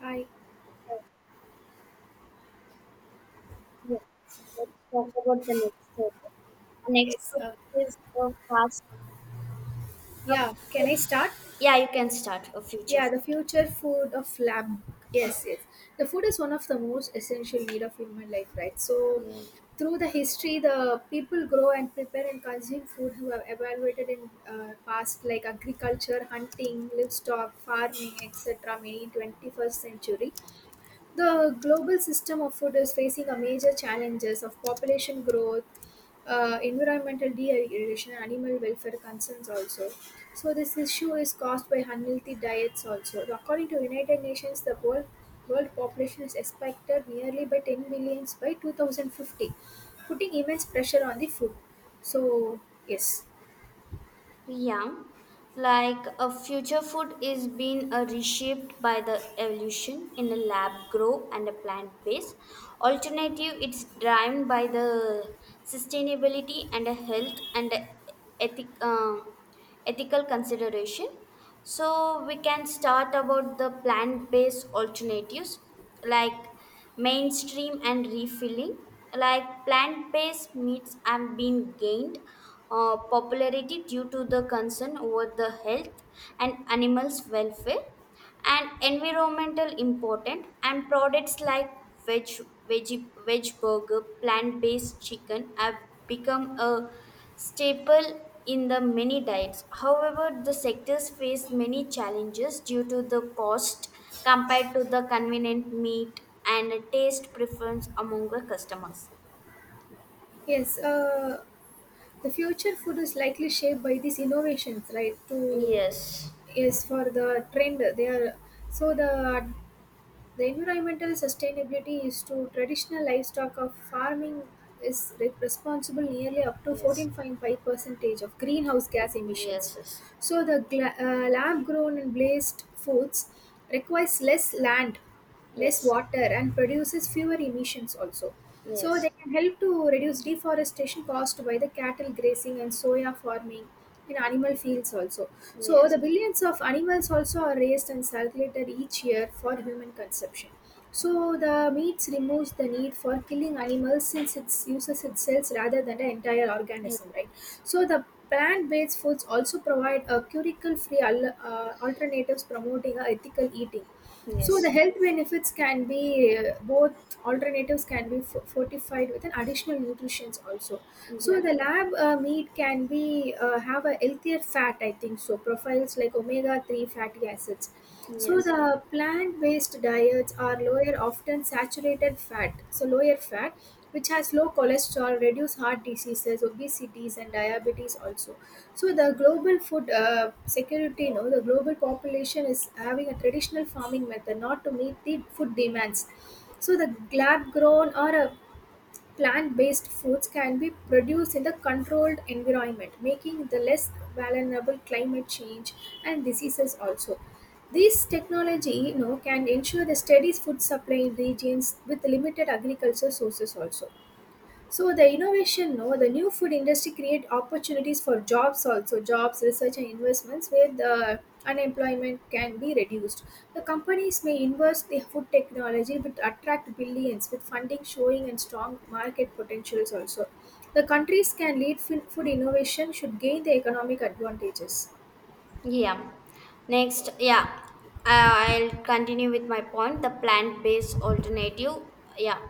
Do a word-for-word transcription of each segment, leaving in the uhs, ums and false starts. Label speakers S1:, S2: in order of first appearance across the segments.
S1: Hi.
S2: Yeah. Let's talk about the next topic. The next
S1: Yes. Uh,
S2: topic is uh, fast.
S1: yeah. Can I start?
S2: Yeah, you can start a future
S1: Yeah. The
S2: food.
S1: future food of lab. Yes. Yes. The food is one of the most essential need of human life, right? So, through the history, the people grow and prepare and consume food who have evaluated in uh, past like agriculture, hunting, livestock, farming, et cetera. Many in twenty-first century. The global system of food is facing a major challenges of population growth, uh, environmental degradation, animal welfare concerns also. So this issue is caused by unhealthy diets also. So, according to United Nations, the world world population is expected nearly by ten billions by two thousand fifty, putting immense pressure on the food. So yes,
S2: Yeah, like a future food is being uh, reshaped by the evolution in a lab grow and a plant base. Alternative, it's driven by the sustainability and a health and a ethic. Um, ethical consideration, so we can start about the plant-based alternatives like mainstream and refilling, like plant-based meats have been gained uh, popularity due to the concern over the health and animals welfare and environmental important, and products like veg veggie veg burger, plant-based chicken have become a staple in the many diets. However, the sectors face many challenges due to the cost compared to the convenient meat and a taste preference among the customers.
S1: yes. Uh, the future food is likely shaped by these innovations right to
S2: Yes,
S1: is for the trend they are so the the environmental sustainability is to traditional livestock of farming is re- responsible nearly up to
S2: yes,
S1: fourteen point five percentage of greenhouse gas emissions
S2: yes, yes.
S1: so the gla- uh, lab grown and blazed foods requires less land less water and produces fewer emissions also. So they can help to reduce deforestation caused by the cattle grazing and soya farming in animal fields also. So the billions of animals also are raised and circulated each year for human consumption. So the meats removes the need for killing animals since it uses its cells rather than the entire organism, right? So the plant-based foods also provide a curicle-free al- uh, alternatives promoting a ethical eating. So the health benefits can be uh, both alternatives can be f- fortified with an additional nutrients also. So the lab uh, meat can be uh, have a healthier fat I think so profiles like omega three fatty acids. So the plant based diets are lower often saturated fat so lower fat which has low cholesterol reduce heart diseases obesities and diabetes also so the global food uh, security, you know, the global population is having a traditional farming method not to meet the food demands. So the lab grown or a plant-based foods can be produced in the controlled environment, making the less vulnerable climate change and diseases also. This technology, you know, can ensure the steady food supply in regions with limited agriculture sources also. So the innovation, no, the new food industry create opportunities for jobs also, jobs, research and investments where the unemployment can be reduced. The companies may invest the food technology which attract billions with funding showing and strong market potentials also. The countries can lead fin- food innovation should gain the economic advantages.
S2: Yeah. Next, yeah, I- I'll continue with my point, the plant based alternative. Yeah,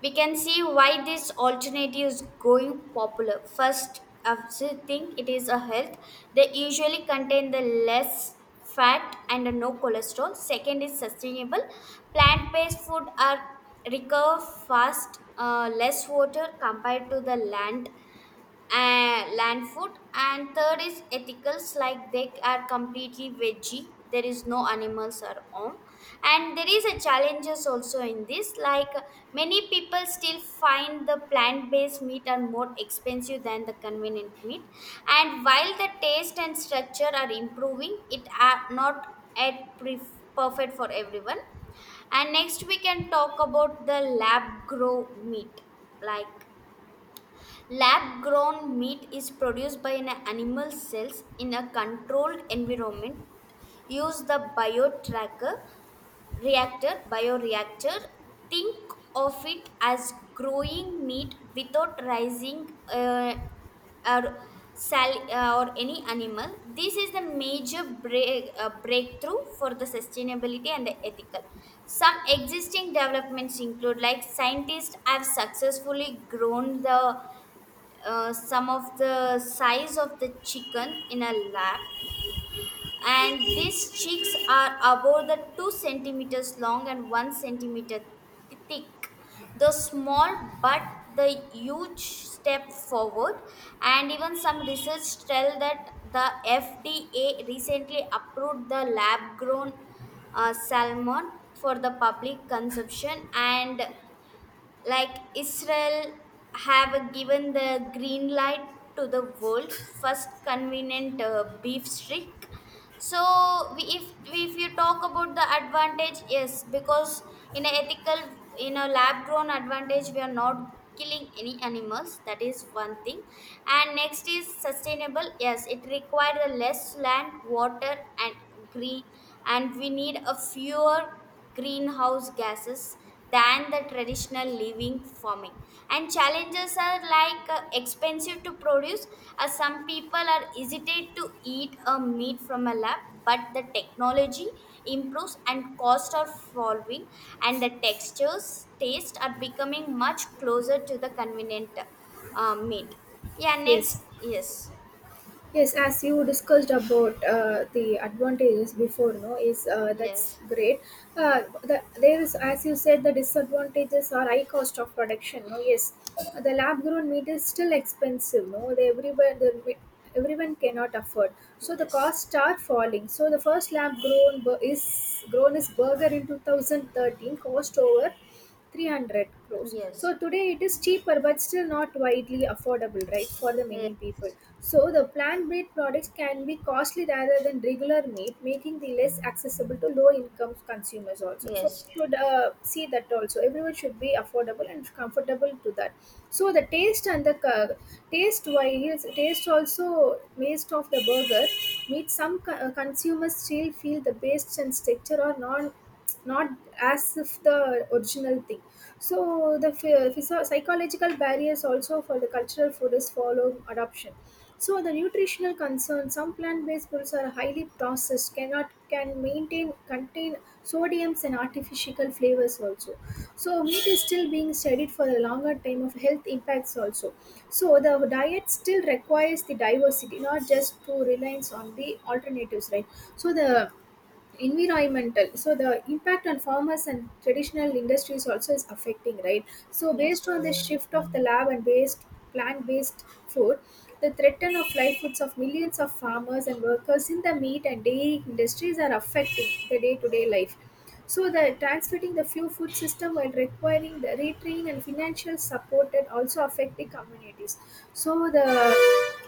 S2: we can see why this alternative is going popular. First, I think it is a health, they usually contain the less fat and no cholesterol. Second, is sustainable. Plant based food are recover fast, uh, less water compared to the land uh, land food, and third is ethicals, like they are completely veggie, there is no animals are on. And there is a challenges also in this, like many people still find the plant-based meat are more expensive than the convenient meat, and while the taste and structure are improving, it are not at pref- perfect for everyone. And next we can talk about the lab grow meat, like, lab grown meat is produced by an animal cells in a controlled environment. Use the biotracker reactor, bioreactor. Think of it as growing meat without raising uh, or, sal- uh, or any animal. This is the major break, uh, breakthrough for the sustainability and the ethical. Some existing developments include, like scientists have successfully grown the uh, some of the size of the chicken in a lap, and these chicks are about the two centimeters long and one centimeter th- thick. The small, but the huge step forward. And even some research tell that the F D A recently approved the lab grown uh, salmon for the public consumption. And like Israel have given the green light to the world first convenient uh, beef streak. So we, if if you talk about the advantage, yes, because in a ethical, in a lab grown advantage, we are not killing any animals. That is one thing. And next is sustainable. Yes, it requires less land, water, and green, and we need a fewer greenhouse gases than the traditional living farming. And challenges are like uh, expensive to produce, as some people are hesitate to eat a meat from a lab. But the technology improves and costs are falling, and the textures taste are becoming much closer to the convenient uh, meat. Yeah, next.
S1: Yes.
S2: Yes,
S1: Yes, as you discussed about uh, the advantages before, no, is uh, that's great. Uh, the, there is, as you said, the disadvantages are high cost of production. No, yes, the lab grown meat is still expensive. No, they, everywhere the, everyone cannot afford. So the costs are falling. So the first lab grown bur- is grown is burger in two thousand thirteen cost over three hundred crores so today it is cheaper but still not widely affordable right for the many people so the plant based products can be costly rather than regular meat making the less accessible to low income consumers also so we should uh, see that also everyone should be affordable and comfortable to that so the taste and the uh, taste wise taste also waste of the burger meat some co- uh, consumers still feel the taste and texture are non not as if the original thing so the phy- physio- psychological barriers also for the cultural food is following adoption so the nutritional concerns some plant-based foods are highly processed cannot can maintain contain sodiums and artificial flavors also so meat is still being studied for a longer time of health impacts also so the diet still requires the diversity not just to reliance on the alternatives right so the environmental so the impact on farmers and traditional industries also is affecting right so based on the shift of the lab and based plant based food the threaten of livelihoods of millions of farmers and workers in the meat and dairy industries are affecting the day to day life so the transmitting the few food system while requiring the retraining and financial support that also affect the communities. So the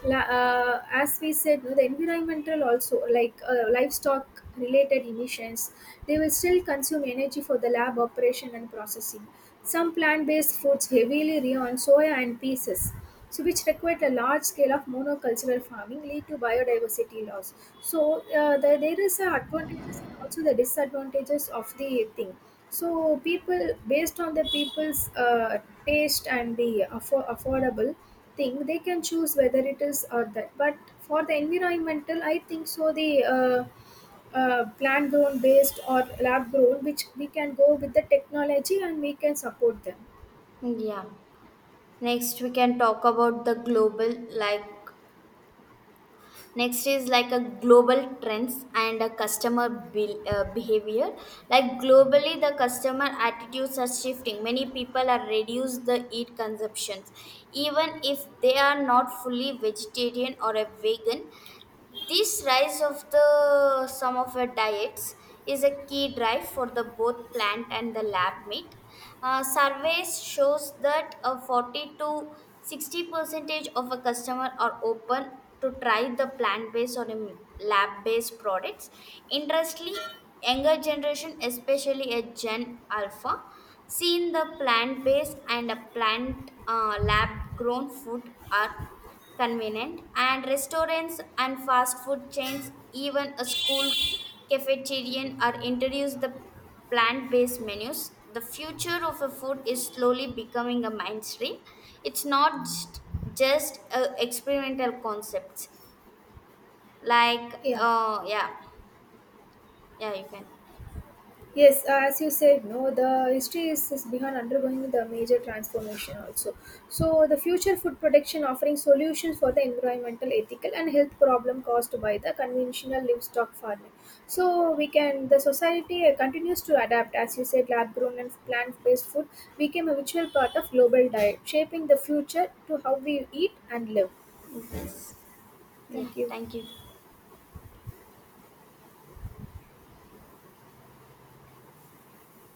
S1: la- uh, as we said, no, the environmental also like uh, livestock related emissions, they will still consume energy for the lab operation and processing. Some plant-based foods heavily rely on soya and pieces so which required a large scale of monocultural farming lead to biodiversity loss so uh, the, there is a advantages and also the disadvantages of the thing so people based on the people's uh, taste and the affo- affordable thing they can choose whether it is or that but for the environmental I think so the uh, uh, plant grown based or lab grown which we can go with the technology and we can support them
S2: yeah, next we can talk about the global, like next is like a global trends and a customer be- uh, behavior. Like globally the customer attitudes are shifting, many people are reduce the meat consumptions even if they are not fully vegetarian or a vegan. This rise of the some of our diets is a key drive for the both plant and the lab meat. Uh, surveys shows that a forty to sixty percentage of a customer are open to try the plant-based or um, lab-based products. Interestingly, younger generation, especially a Gen Alpha, seen the plant-based and a plant uh, lab-grown food are convenient, and restaurants and fast food chains, even a school cafeteria are introduced the plant-based menus. The future of a food is slowly becoming a mainstream, it's not just, just a experimental concepts, like
S1: yeah.
S2: uh, yeah. Yeah, you can
S1: Yes, uh, as you said, no, the history is, is behind undergoing the major transformation also. So, the future food production offering solutions for the environmental, ethical, and health problem caused by the conventional livestock farming. So, we can the society uh, continues to adapt. As you said, lab grown and plant based food became a virtual part of global diet, shaping the future to how we eat and live. Thank you.